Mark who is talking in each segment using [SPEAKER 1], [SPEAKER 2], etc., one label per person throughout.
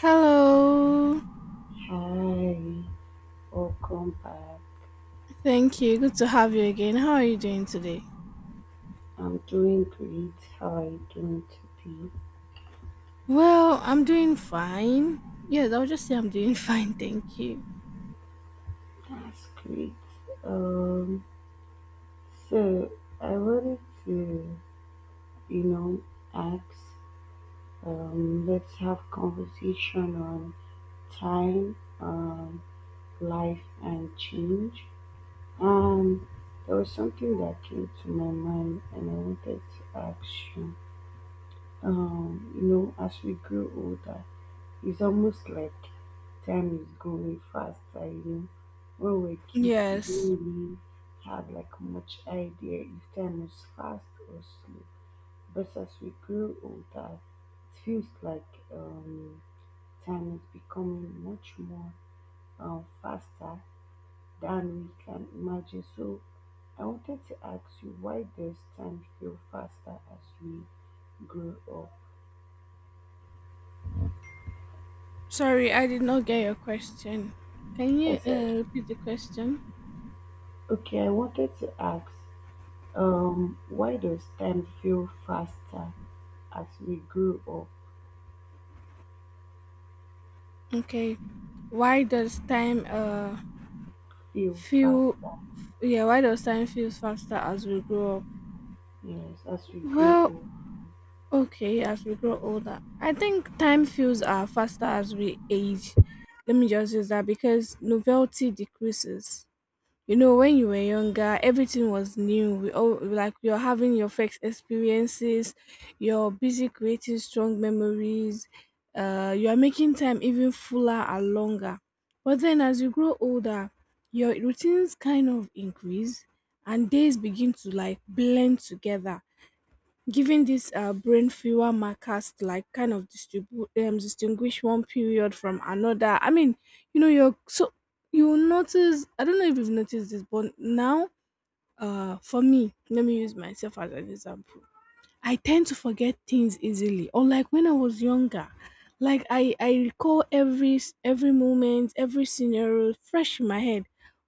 [SPEAKER 1] Hello.
[SPEAKER 2] Hi, welcome back.
[SPEAKER 1] Thank you. Good to have you again. How are you doing today?
[SPEAKER 2] I'm doing great. How are you doing today?
[SPEAKER 1] Well, I'm doing fine. Yes, I'll just say I'm doing fine. Thank you.
[SPEAKER 2] That's great. Um, so I wanted to, you know, ask. Let's have conversation on time, life, and change. Um, there was something that came to my mind, and I wanted to ask you. As we grow older, it's almost like time is going faster. When we were kids, we
[SPEAKER 1] Yes.
[SPEAKER 2] didn't really have like much idea if time was fast or slow. But as we grow older, it feels like um, time is becoming much more faster than we can imagine. So I wanted to ask you, why does time feel faster as we grow up?
[SPEAKER 1] Sorry, I did not get your question. Can you
[SPEAKER 2] Like I said,
[SPEAKER 1] repeat the question?
[SPEAKER 2] okay, I wanted to ask, why does time feel faster as we grow up?
[SPEAKER 1] Okay. Why does time
[SPEAKER 2] Feel faster,
[SPEAKER 1] feel Yeah, why does time feel faster as we grow up?
[SPEAKER 2] yes, as we grow
[SPEAKER 1] Well,
[SPEAKER 2] up.
[SPEAKER 1] okay, as we grow older, I think time feels faster as we age. Let me just use that because novelty decreases. You know, when you were younger, everything was new. We all like you're having your first experiences, you're busy creating strong memories, you are making time even fuller and longer. But then as you grow older, your routines kind of increase and days begin to like blend together, giving these brain fewer markers to like kind of distribute distinguish one period from another. I mean, you know, you will notice. I don't know if you've noticed this, but now, for me, let me use myself as an example. I tend to forget things easily. Unlike when I was younger, like I recall every every moment, every scenario fresh in my head.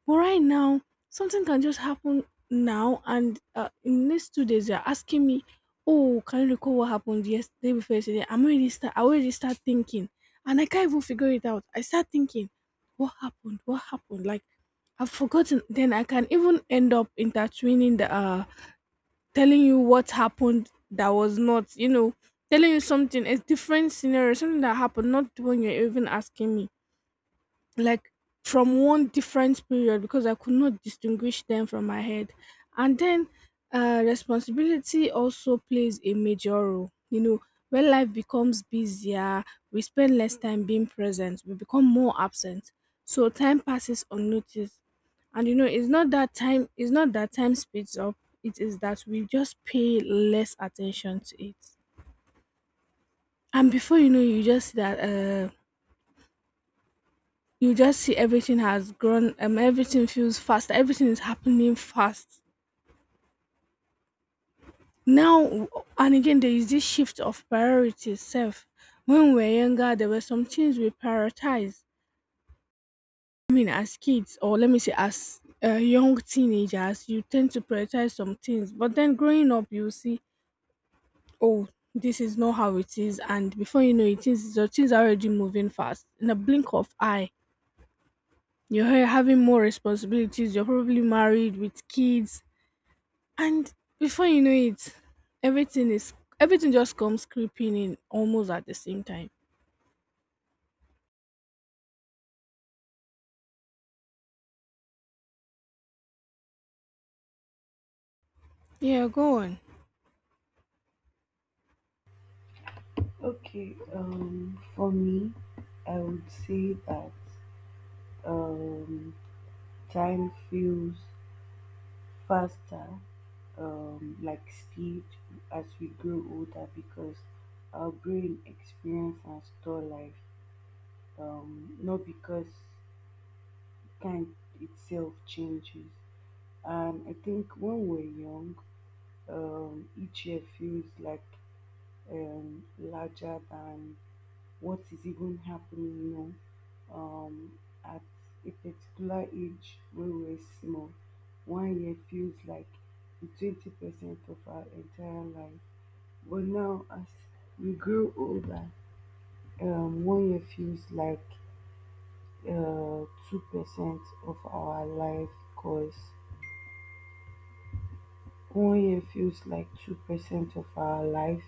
[SPEAKER 1] But right now, something can just happen now, and in the next 2 days, they're asking me, "Oh, can you recall what happened yesterday before yesterday?" I already start thinking, and I can't even figure it out. I start thinking, "What happened? What happened?" Like I've forgotten. Then I can even end up intertwining the telling you what happened, that was not, telling you something, a different scenario, something that happened, not the one you're even asking me, like from one different period because I could not distinguish them from my head. And then, responsibility also plays a major role. You know, when life becomes busier, we spend less time being present, we become more absent. So time passes unnoticed. And you know, it's not that time speeds up, it is that we just pay less attention to it. And before you know, you just see that uh you just see everything has grown, everything feels fast, everything is happening fast now. And again, there is this shift of priorities self. When we were younger, there were some things we prioritize, I mean, as kids, or let me say, as young teenagers, you tend to prioritize some things, but then growing up you see, oh, this is not how it is, and before you know it is your things are already moving fast in a blink of eye. You're having more responsibilities, you're probably married with kids. And before you know it, everything is everything just comes creeping in almost at the same time. Yeah, go on.
[SPEAKER 2] Okay, for me, I would say that um, time feels faster, like speed, as we grow older because our brain experience and store life, not because time itself changes. And I think when we're young, each year feels like larger than what is even happening. Um, at a particular age when we're small, one year feels like the 20% of our entire life. But now, as we grow older, one year feels like uh, 2% of our life course. One year feels like 2% of our life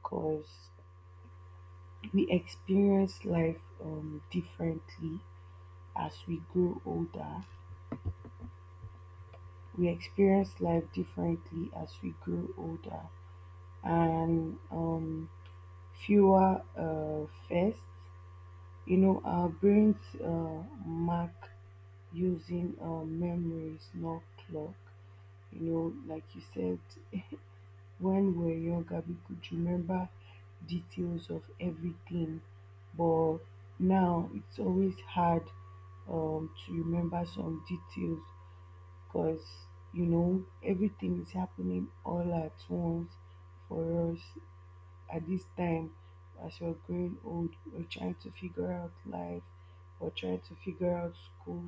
[SPEAKER 2] because we experience life differently as we grow older. We experience life differently as we grow older and fewer first. You know, our brains mark using memories, not clock. You know, like you said, when we were younger we could remember details of everything, but now it's always hard to remember some details because, you know, everything is happening all at once for us at this time. As you are growing old, we're trying to figure out life, we're trying to figure out school,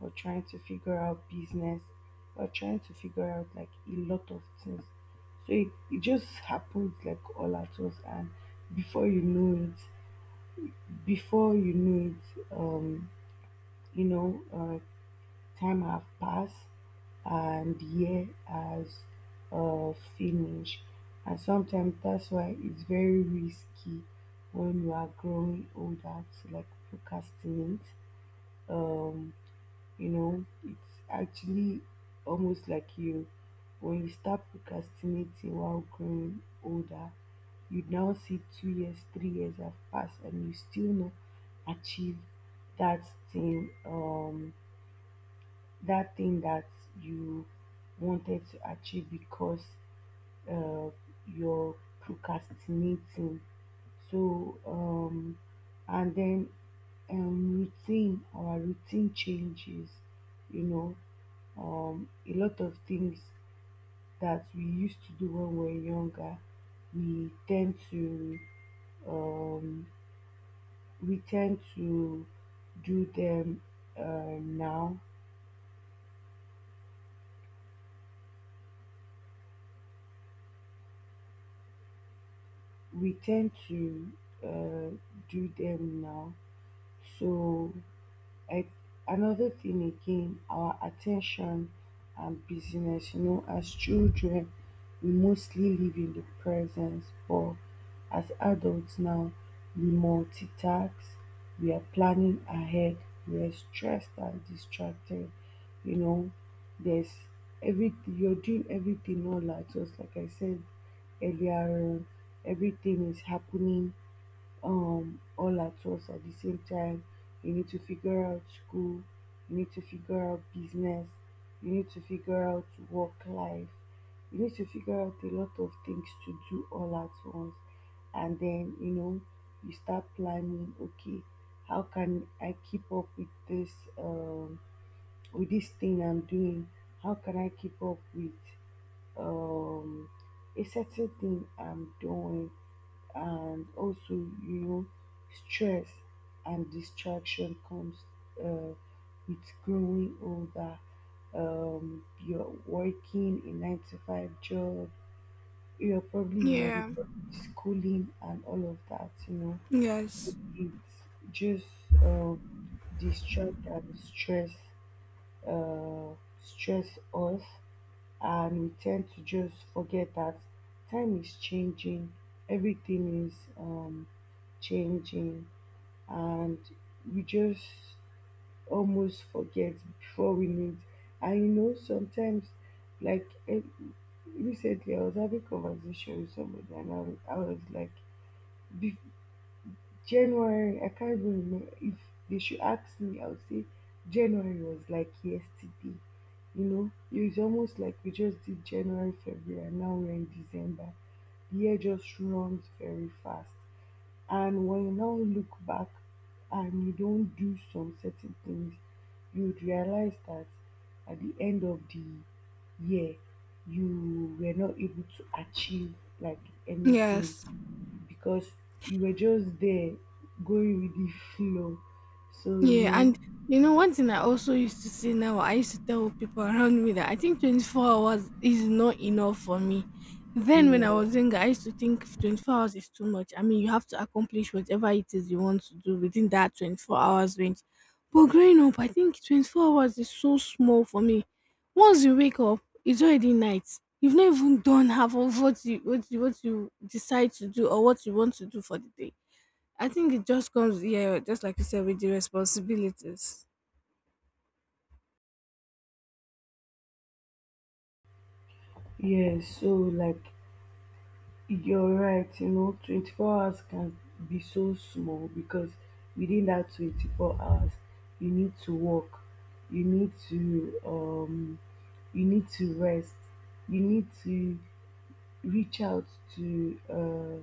[SPEAKER 2] we're trying to figure out business, we're trying to figure out like a lot of things. So it just happens like all at once, and before you know before you know it, you know uh, time have passed and the year has finished. And sometimes that's why it's very risky when you are growing older to like procrastinate. Um, you know, it's actually almost like you, when you start procrastinating while growing older, you now see 2 years, 3 years have passed and you still not achieve that thing. That thing that you wanted to achieve because uh, you're procrastinating. So, and then routine, our routine changes, you know, a lot of things that we used to do when we were younger, we tend to um, we tend to do them now, we tend to uh, do them now. So I, another thing again, our attention and busyness. You know, as children, we mostly live in the present, but as adults now, we multitask, we are planning ahead, we are stressed and distracted. You know, there's everything. You're doing everything all at once, like I said earlier on. Everything is happening all at once at the same time. You need to figure out school, you need to figure out business, you need to figure out work life, you need to figure out a lot of things to do all at once. And then, you know, you start planning, okay, how can I keep up with um this thing I'm doing? How can I keep up with um a certain thing I'm doing? And also, you know, stress and distraction comes uh, with growing older. You're working a nine to five job, you're probably you might be
[SPEAKER 1] Yeah.
[SPEAKER 2] probably schooling and all of that, you know. So
[SPEAKER 1] Yes.
[SPEAKER 2] it's just distract and uh, stress us, and we tend to just forget that time is changing, everything is changing, and we just almost forget before we meet. And you know, sometimes, like, recently, I was having conversation with somebody, and I was like, January, I can't even remember. If they should ask me, I would say January was like yesterday. You know, it's almost like we just did January, February, and now we're in December. The year just runs very fast. And when you now look back and you don't do some certain things, you would realize that at the end of the year, you were not able to achieve like anything
[SPEAKER 1] Yes.
[SPEAKER 2] because you were just there going with the flow. So, you
[SPEAKER 1] Yeah,
[SPEAKER 2] know,
[SPEAKER 1] and you know, one thing I also used to say now, I used to tell people around me that I think 24 hours is not enough for me. Then, when I
[SPEAKER 2] yeah,
[SPEAKER 1] was younger, I used to think 24 hours is too much. I mean, you have to accomplish whatever it is you want to do within that 24 hours range. But growing up, I think 24 hours is so small for me. Once you wake up, it's already night. You've not even done half of what you decide to do or what you want to do for the day. I think it just comes, yeah, just like you said, with the responsibilities.
[SPEAKER 2] yeah. So, like, you're right, you know, 24 hours can be so small because within that 24 hours, you need to work, you need to, um, you need to rest, you need to reach out to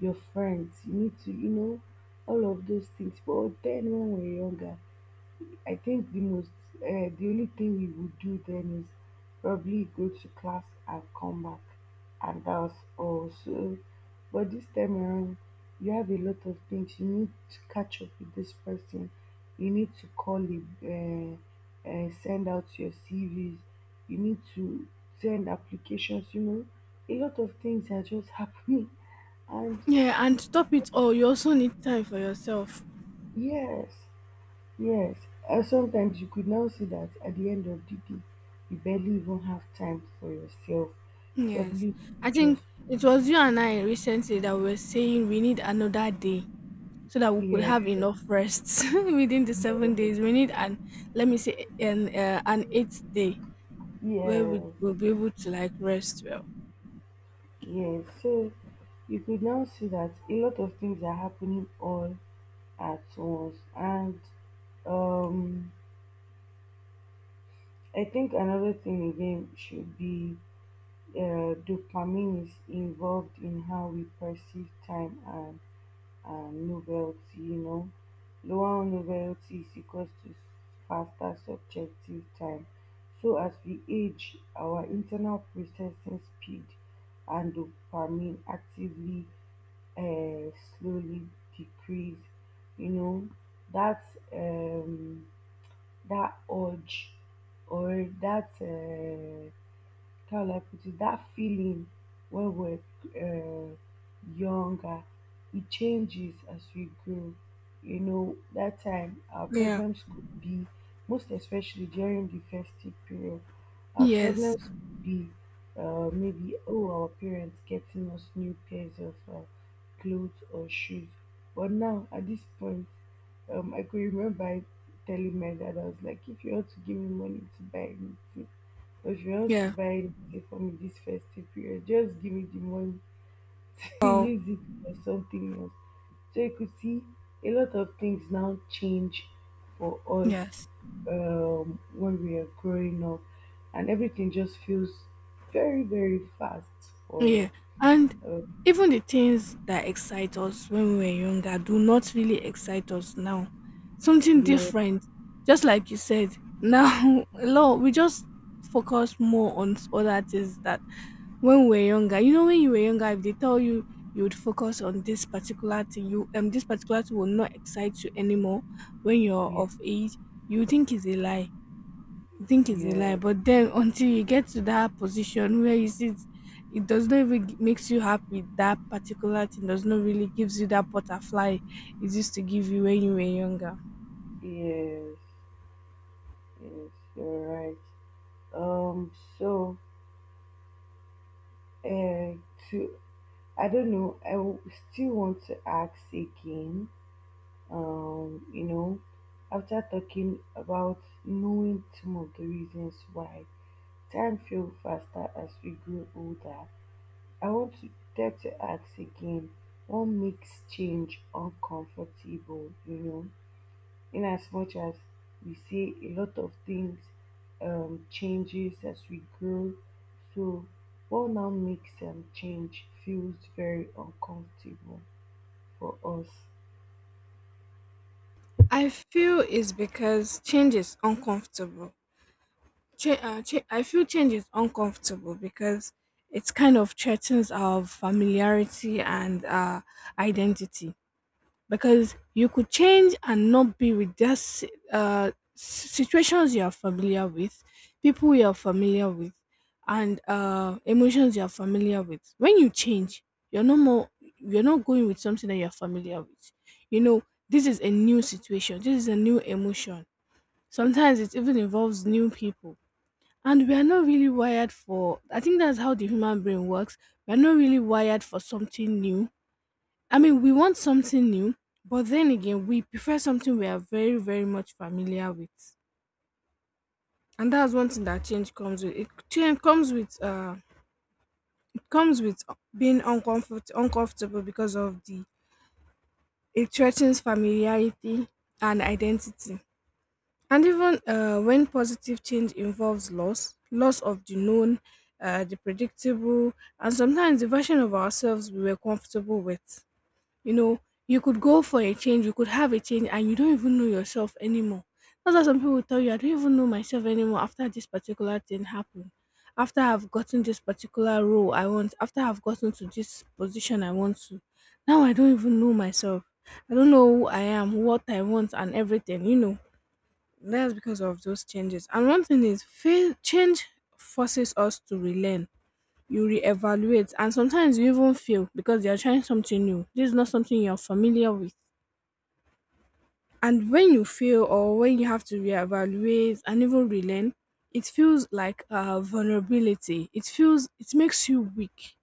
[SPEAKER 2] your friends, you need to, you know, all of those things. But then when we're younger, I think the most, the only thing we would do then is probably go to class and come back, and that was all. So, but this time around, you have a lot of things. You need to catch up with this person. You need to call him, send out your CVs. You need to send applications. You know, a lot of things are just happening, and
[SPEAKER 1] Yeah, and to top it all, you also need time for yourself.
[SPEAKER 2] yes, yes. And sometimes you could now see that at the end of the day, you barely even have time for yourself.
[SPEAKER 1] Yes.
[SPEAKER 2] Probably you
[SPEAKER 1] I think
[SPEAKER 2] just.
[SPEAKER 1] it was you and I recently that we were saying we need another day so that we could
[SPEAKER 2] Yeah,
[SPEAKER 1] have enough rest within the seven
[SPEAKER 2] yeah,
[SPEAKER 1] days. We need an, let me say, an eighth day where we
[SPEAKER 2] yes,
[SPEAKER 1] will be able to like rest well.
[SPEAKER 2] yes. So you could now see that a lot of things are happening all at once, and um, I think another thing again should be dopamine is involved in how we perceive time and novelty, you know. Lower novelty is equals to faster subjective time. So as we age, our internal processing speed and dopamine actively uh, slowly decrease. You know that um, that urge or that. How will I put it, that feeling when we're uh, younger, it changes as we grow. You know, that time our
[SPEAKER 1] Yeah.
[SPEAKER 2] problems could be, most especially during the festive period, our
[SPEAKER 1] Yes.
[SPEAKER 2] problems could be maybe, oh, our parents getting us new pairs of clothes or shoes. But now, at this point, I could remember telling my dad, I was like, if you want to give me money to buy anything, if you want to
[SPEAKER 1] Yeah.
[SPEAKER 2] buy the for me this festive period, just give me the money to
[SPEAKER 1] Well,
[SPEAKER 2] use it for something else. So you could see a lot of things now change for us
[SPEAKER 1] yes.
[SPEAKER 2] when we are growing up, and everything just feels very, very fast
[SPEAKER 1] Yeah.
[SPEAKER 2] for
[SPEAKER 1] And
[SPEAKER 2] uh,
[SPEAKER 1] even the things that excite us when we were younger do not really excite us now. Something
[SPEAKER 2] yeah,
[SPEAKER 1] different. Just like you said, now a lot we just focus more on other things that when we were younger. You know, when you were younger, if they tell you you would focus on this particular thing, you this particular thing will not excite you anymore when you're
[SPEAKER 2] yeah,
[SPEAKER 1] of age. You think it's a lie you think it's a lie,
[SPEAKER 2] yeah,
[SPEAKER 1] but then until you get to that position where you sit, it does not even makes you happy. That particular thing does not really gives you that butterfly it used to give you when you were younger.
[SPEAKER 2] yes, yes, you're right. Um, so uh, to I don't know, still want to ask again, you know, after talking about knowing some of the reasons why time feels faster as we grow older, I want to dare to ask again, what makes change uncomfortable? You know, in as much as we say a lot of things changes as we grow. So what now makes change feels very uncomfortable for us?
[SPEAKER 1] I feel it's because change is uncomfortable. I feel change is uncomfortable because it kind of threatens our familiarity and, identity. Because you could change and not be with this situations you are familiar with, people you are familiar with, and, emotions you are familiar with. When you change, you're no more. You're not going with something that you're familiar with. You know, this is a new situation. This is a new emotion. Sometimes it even involves new people. And we are not really wired for, I think that's how the human brain works. We are not really wired for something new. I mean, we want something new, but then again, we prefer something we are very, very much familiar with. And that's one thing that change comes with. It comes with being uncomfortable, because of the it threatens familiarity and identity. And even when positive change involves loss, loss of the known, the predictable, and sometimes the version of ourselves we were comfortable with. You know, you could go for a change, you could have a change, and you don't even know yourself anymore. That's why some people tell you, I don't even know myself anymore after this particular thing happened. After I've gotten this particular role I want, after I've gotten to this position I want to. Now I don't even know myself. I don't know who I am, what I want, and everything, you know. That's because of those changes. And one thing is, change forces us to relearn. You reevaluate and sometimes you even fail because you're trying something new. This is not something you're familiar with. And when you fail or when you have to reevaluate and even relearn, it feels like a vulnerability. It makes you weak.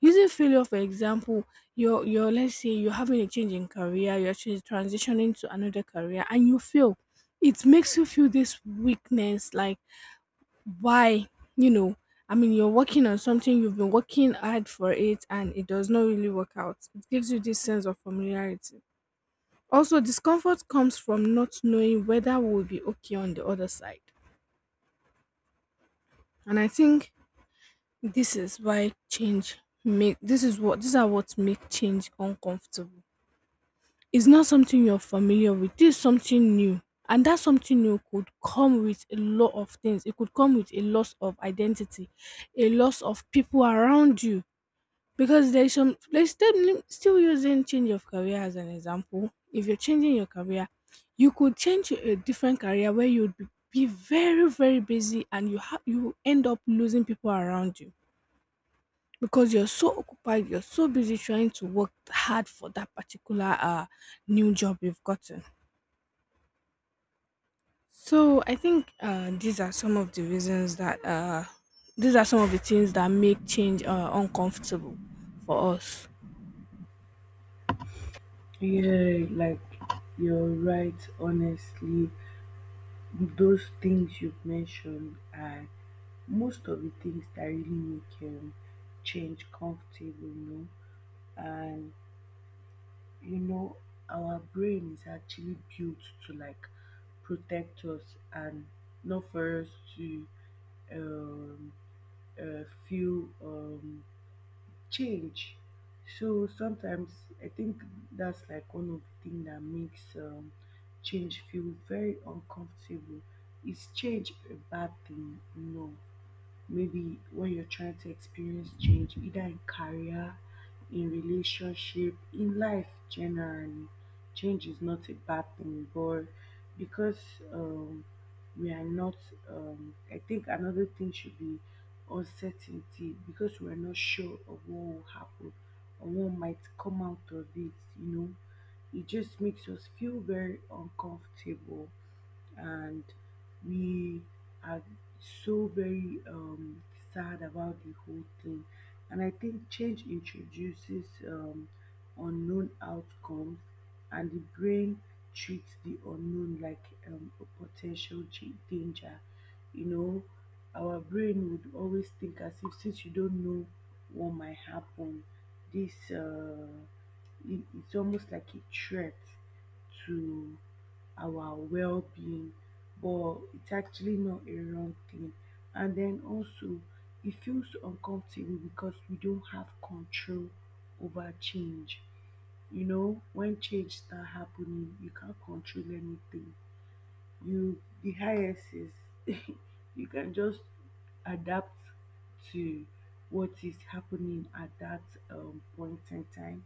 [SPEAKER 1] Using failure, for example, you're let's say you're having a change in career, you're actually transitioning to another career, and you fail. It makes you feel this weakness, like why, you know I mean, you're working on something you've been working hard for it, and it does not really work out. It gives you this sense of familiarity. Also, discomfort comes from not knowing whether we'll be okay on the other side. And I think this is why change make this is what these are what make change uncomfortable. It's not something you're familiar with. This is something new, and that something new could come with a lot of things. It could come with a loss of identity, a loss of people around you. Because there's still, using change of career as an example. If you're changing your career, you could change to a different career where you'd be very, very busy, and you end up losing people around you because you're so occupied, you're so busy trying to work hard for that particular, new job you've gotten. So I think, these are some of the reasons that, these are some of the things that make change, uncomfortable for us.
[SPEAKER 2] Yeah, like, you're right, honestly. Those things you've mentioned are most of the things that really make change comfortable, you know. And you know, our brain is actually built to like protect us and not for us to um, uh, feel change. So sometimes I think that's like one of the things that makes change feel very uncomfortable. Is change a bad thing? No, maybe when you're trying to experience change, either in career, in relationship, in life generally, change is not a bad thing. But because um, we are not. I think another thing should be uncertainty because we are not sure of what will happen or what might come out of it, you know. It just makes us feel very uncomfortable, and we are so very sad about the whole thing. And I think change introduces unknown outcomes, and the brain treats the unknown like a potential danger. You know, our brain would always think, as if since you don't know what might happen, this uh, it's almost like a threat to our well-being, but it's actually not a wrong thing. And then also it feels uncomfortable because we don't have control over change. You know, when change start happening, you can't control anything. You, the highest is, you can just adapt to what is happening at that point in time.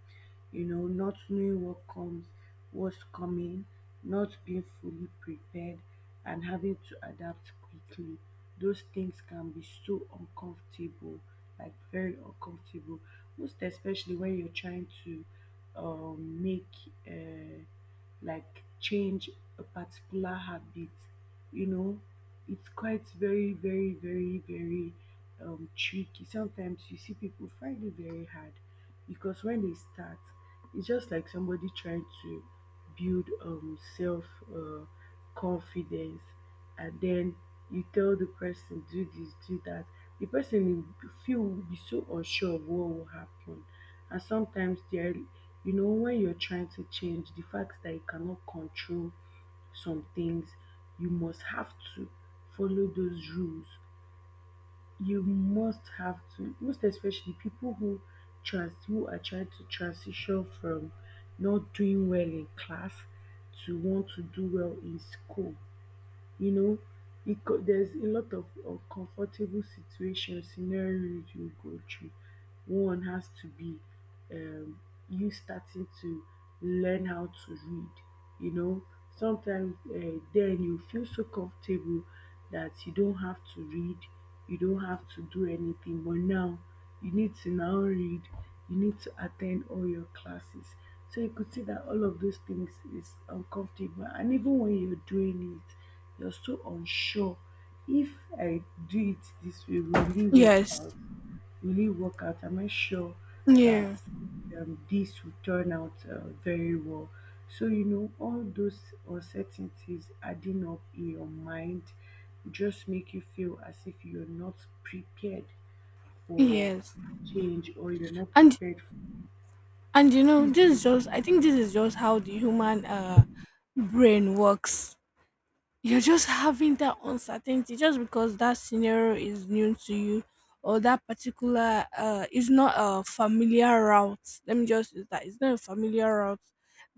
[SPEAKER 2] You know, not knowing what comes, what's coming, not being fully prepared, and having to adapt quickly, those things can be so uncomfortable, like very uncomfortable, most especially when you're trying to make uh, like change a particular habit. You know, it's quite very, very, very, very tricky. Sometimes you see people find it very hard because when they start, it's just like somebody trying to build self uh, confidence, and then you tell the person do this, do that. The person will be- Feel will be so unsure of what will happen. And sometimes there, you know, when you're trying to change the fact that you cannot control some things, you must have to follow those rules. You must have to, most especially people who trans who are trying to transition from not doing well in class to want to do well in school, you know, there's a lot of uncomfortable situations, scenarios you go through. One has to be um, you starting to learn how to read. You know, sometimes then you feel so comfortable that you don't have to read, you don't have to do anything. But now you need to now read, you need to attend all your classes. So you could see that all of those things is uncomfortable. And even when you're doing it, you're so unsure if I do it this way, will it work
[SPEAKER 1] Yes.
[SPEAKER 2] out? Really work out and make sure that
[SPEAKER 1] Yeah.
[SPEAKER 2] this will turn out very well. So, you know, all those uncertainties adding up in your mind just make you feel as if you're not prepared for
[SPEAKER 1] Yes.
[SPEAKER 2] change, or you're not
[SPEAKER 1] And
[SPEAKER 2] prepared for,
[SPEAKER 1] and you know,
[SPEAKER 2] please
[SPEAKER 1] this is
[SPEAKER 2] do.
[SPEAKER 1] just I think this is just how the human brain works. You're just having that uncertainty just because that scenario is new to you or that particular is not a familiar route. Let me just use that it's not a familiar route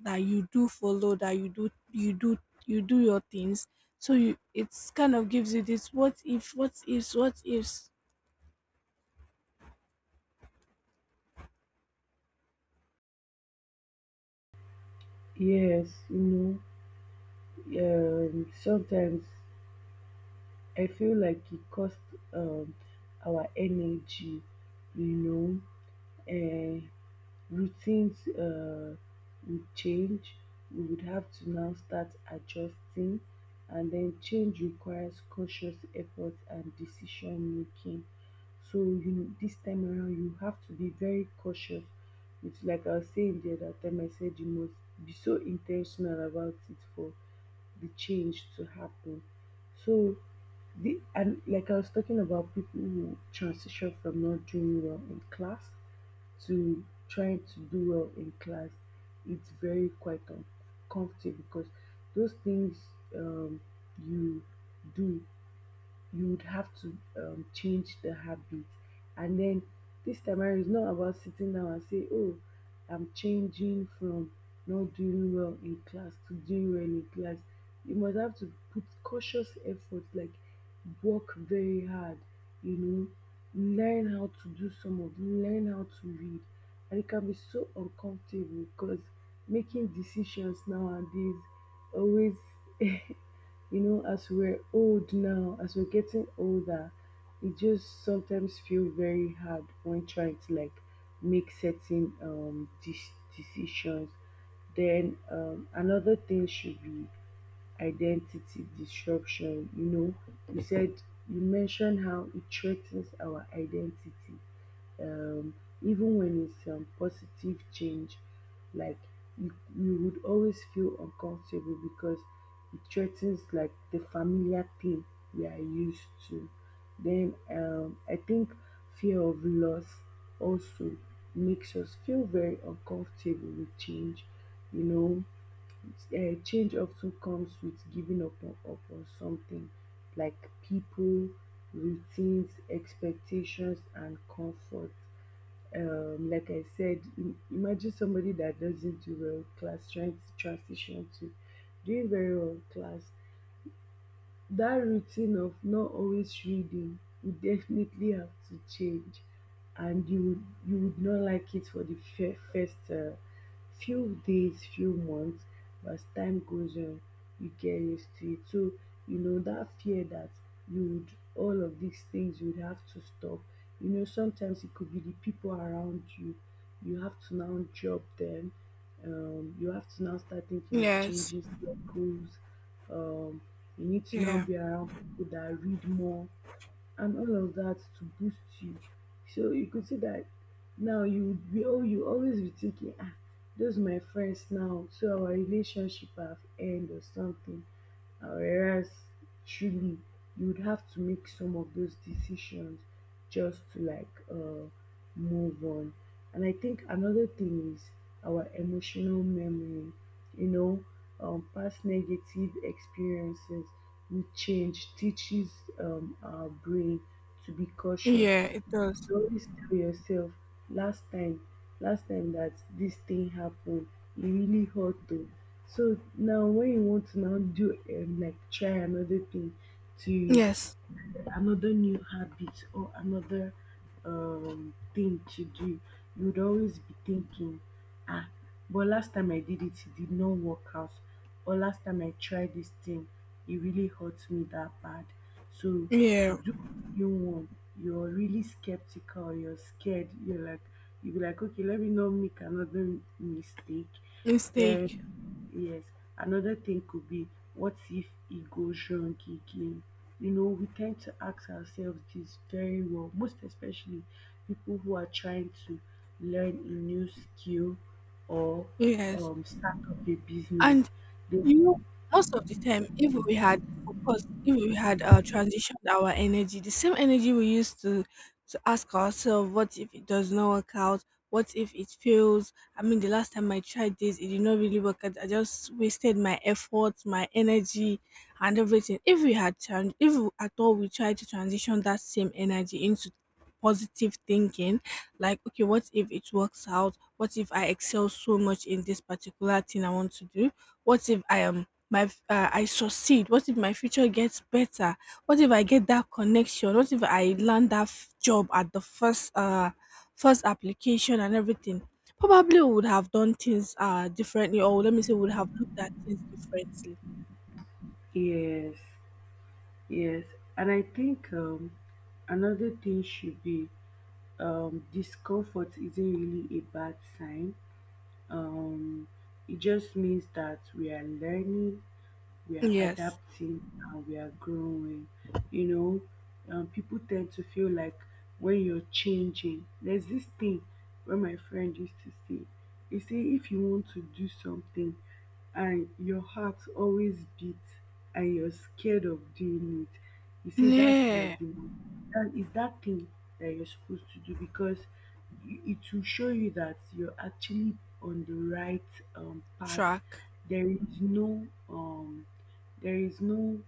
[SPEAKER 1] that you do follow, that you do your things. So you it's kind of gives you this what if, what ifs, what ifs.
[SPEAKER 2] Yes, you know, sometimes I feel like it costs um, our energy, you know, uh, routines would change. We would have to now start adjusting, and then change requires cautious effort and decision making. You this time around, you have to be very cautious. It's like I was saying the other time. I said you must be so intentional about it for the change to happen. So the and like I was talking about people who transition from not doing well in class to trying to do well in class, it's very quite uncomfortable because those things, um, you do you would have to change the habit. And then this time around, it's not about sitting down and say, oh, I'm changing from not doing well in class to doing well in class. You must have to put cautious effort, like work very hard, you know, learn how to do some of, learn how to read. And it can be so uncomfortable because making decisions nowadays always you know, as we're getting older, it just sometimes feel very hard when trying to like make certain decisions. Then another thing should be identity disruption. You know, you said you mentioned how it threatens our identity, um, even when it's positive change, like you would always feel uncomfortable because it threatens like the familiar thing we are used to. Then I think fear of loss also makes us feel very uncomfortable with change. You know, change often comes with up on something like people, routines, expectations, and comfort. Like I said, imagine somebody that doesn't do well in class trying to transition to doing very well in class. That routine of not always reading would definitely have to change, and you would not like it for the first few days, few months. But as time goes on, you get used to it. So, you know, that fear that you would, all of these things you would have to stop. You know, sometimes it could be the people around you, you have to now drop them. You have to now start thinking of
[SPEAKER 1] Yes.
[SPEAKER 2] changing circles, um, you need to now
[SPEAKER 1] Yeah.
[SPEAKER 2] be around people that read more and all of that to boost you. So you could see that now you would be, oh, you always be thinking, ah, those my friends now so our relationship have end or something. Whereas truly you would have to make some of those decisions just to like move on. And I think another thing is our emotional memory. You know, past negative experiences with change teaches our brain to be cautious.
[SPEAKER 1] Yeah, it does.
[SPEAKER 2] You always tell yourself last time, last time that this thing happened, it really hurt though. So now when you want to now do, like try another thing to
[SPEAKER 1] Yes.
[SPEAKER 2] another new habit or another thing to do, you would always be thinking, ah, but last time I did it, it did not work out. Or last time I tried this thing, it really hurt me that bad. So to
[SPEAKER 1] Yeah,
[SPEAKER 2] do new one, you're really skeptical, you're scared, you're like, you'll be like, okay, let me not make another mistake.
[SPEAKER 1] mistake.
[SPEAKER 2] Then, yes, another thing could be what if it goes wrong again? You know, we tend to ask ourselves this very well, most especially people who are trying to learn a new skill or
[SPEAKER 1] Yes.
[SPEAKER 2] start up a business.
[SPEAKER 1] And
[SPEAKER 2] They,
[SPEAKER 1] you know, most of the time, if we had focused, if we had, transitioned our energy, the same energy we used to ask ourselves, what if it does not work out? What if it fails? I mean, the last time I tried this, it did not really work out. I just wasted my effort, my energy, and everything. If we had, if at all we tried to transition that same energy into positive thinking, like, okay, what if it works out? What if I excel so much in this particular thing I want to do? What if I succeed? What if my future gets better? What if I get that connection? What if I land that job at the first application and everything? Probably we would have done things differently, or let me say, would have looked at things differently.
[SPEAKER 2] yes, yes. And I think another thing should be, discomfort isn't really a bad sign. um it just means that we are learning, we are
[SPEAKER 1] Yes.
[SPEAKER 2] adapting, and we are growing. You know, people tend to feel like when you're changing, there's this thing where my friend used to say, he say if you want to do something and your heart always beats and you're scared of doing it, he say that's
[SPEAKER 1] Yeah.
[SPEAKER 2] like the that is that thing that you're supposed to do because it will show you that you're actually on the right path.
[SPEAKER 1] Track.
[SPEAKER 2] There is there is no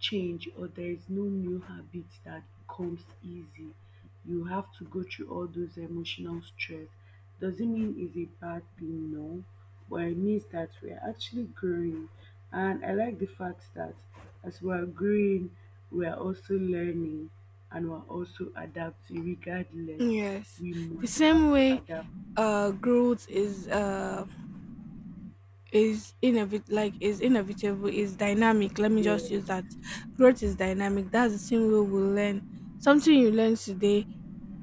[SPEAKER 2] change or there is no new habit that comes easy. You have to go through all those emotional stress. Doesn't mean it's a bad thing, no, but it means that we're actually growing. And I like the fact that as we're growing, we're also learning and we're also adapting. Regardless,
[SPEAKER 1] Yes.
[SPEAKER 2] we
[SPEAKER 1] The
[SPEAKER 2] must
[SPEAKER 1] same
[SPEAKER 2] have to
[SPEAKER 1] way
[SPEAKER 2] adapt.
[SPEAKER 1] growth is inevit like is inevitable is dynamic. Let me just
[SPEAKER 2] Yeah,
[SPEAKER 1] use that. Growth is dynamic. That's the same way we learn. Something you learn today,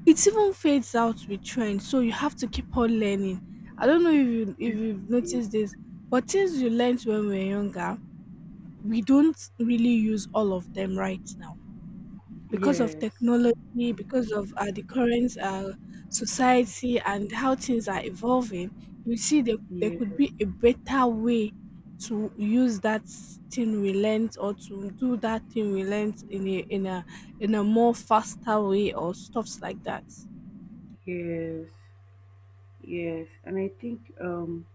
[SPEAKER 1] it even fades out with trend, so you have to keep on learning. I don't know if you've noticed this, but things you learned when we were younger we don't really use all of them right now because of
[SPEAKER 2] yes,
[SPEAKER 1] technology, because of, the current, society, and how things are evolving. You see, there could
[SPEAKER 2] yes.
[SPEAKER 1] be a better way to use that thing we learned or to do that thing we learned in a, in a more faster way or stuffs like that.
[SPEAKER 2] Yes, yes. And I think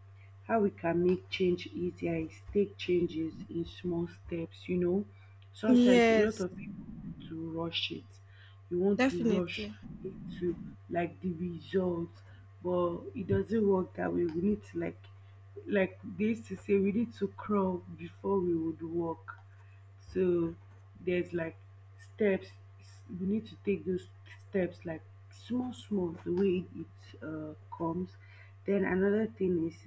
[SPEAKER 2] how we can make change easier is take changes in small steps. You know, sometimes a lot
[SPEAKER 1] Yes,
[SPEAKER 2] of people want to rush it. You want to rush
[SPEAKER 1] definitely.
[SPEAKER 2] into like the results, but it doesn't work that way. We need to like they used to say, we need to crawl before we would walk. So there's like steps, we need to take those steps like small small the way it comes. Then another thing is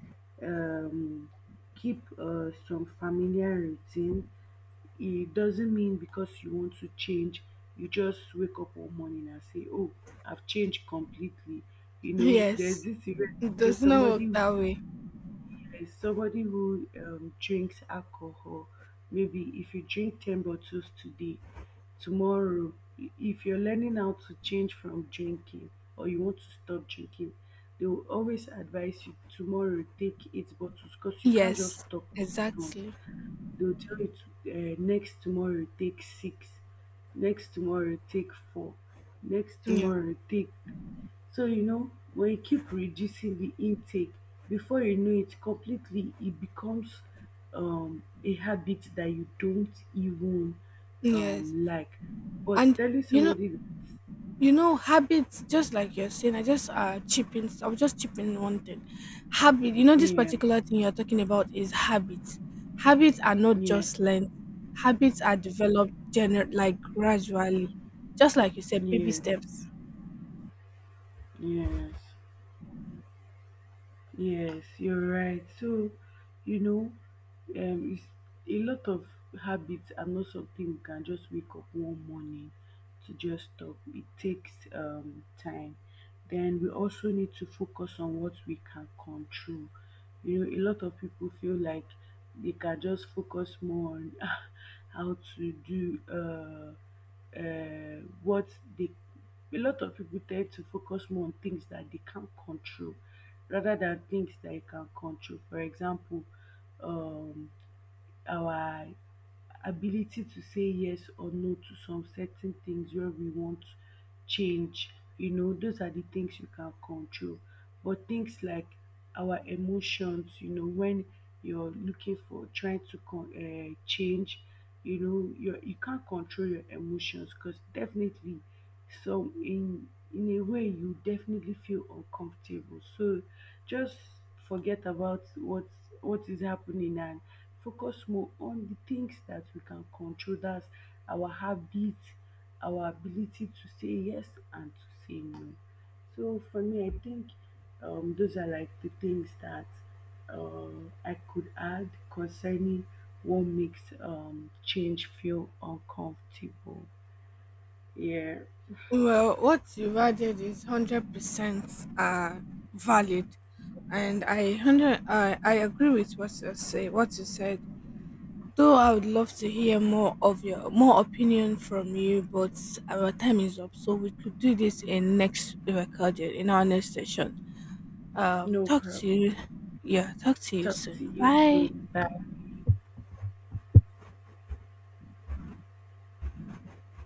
[SPEAKER 2] um, keep some familiar routine. It doesn't mean because you want to change you just wake up one morning and say, oh, I've changed completely. You know, there's
[SPEAKER 1] Yes.
[SPEAKER 2] this event,
[SPEAKER 1] It
[SPEAKER 2] say
[SPEAKER 1] does not
[SPEAKER 2] somebody
[SPEAKER 1] work
[SPEAKER 2] who
[SPEAKER 1] that way.
[SPEAKER 2] drinks alcohol. Maybe if you drink 10 bottles today, tomorrow, if you're learning how to change from drinking or you want to stop drinking, they will always advise you tomorrow take eight bottles because you can't just
[SPEAKER 1] Yes.
[SPEAKER 2] stop at once.
[SPEAKER 1] Exactly.
[SPEAKER 2] They will tell you to, next tomorrow take six, next tomorrow take four, next
[SPEAKER 1] Yeah.
[SPEAKER 2] tomorrow take. So, you know, when you keep reducing the intake, before you know it completely, it becomes a habit that you don't even
[SPEAKER 1] Yes.
[SPEAKER 2] like. But
[SPEAKER 1] And
[SPEAKER 2] telling
[SPEAKER 1] you know,
[SPEAKER 2] somebody that,
[SPEAKER 1] you know, habits, just like you're saying, I was just chipping one thing. Habit, you know, this
[SPEAKER 2] yeah,
[SPEAKER 1] particular thing you're talking about is habits. Habits are not
[SPEAKER 2] yeah,
[SPEAKER 1] just learned, habits are developed like gradually, just like you said, baby
[SPEAKER 2] yeah,
[SPEAKER 1] steps.
[SPEAKER 2] yes, yes, you're right. So, you know, um it's a lot of, habits are not something we can just wake up one morning to just stop. It takes time. Then we also need to focus on what we can control. You know, a lot of people feel like they can just focus more on how to do what they. A lot of people tend to focus more on things that they can't control rather than things that they can control. For example, um, our ability to say yes or no to some certain things where we want change. You know, those are the things you can control. But things like our emotions, you know, when you're looking for trying to change, you know, you can't control your emotions because definitely, so in in a way you definitely feel uncomfortable. So just forget about what is happening and focus more on the things that we can control. That's our habit, our ability to say yes and to say no. So for me, I think those are like the things that I could add concerning what makes change feel uncomfortable. Yeah,
[SPEAKER 1] Well, what you've added is 100% valid, and I agree with what you said. Though I would love to hear more of your more opinion from you, but our time is up, so we could do this in our next session.
[SPEAKER 2] no
[SPEAKER 1] Talk to you,
[SPEAKER 2] problem.
[SPEAKER 1] yeah, talk to you
[SPEAKER 2] Talk
[SPEAKER 1] soon.
[SPEAKER 2] to you
[SPEAKER 1] Bye.
[SPEAKER 2] again. Bye.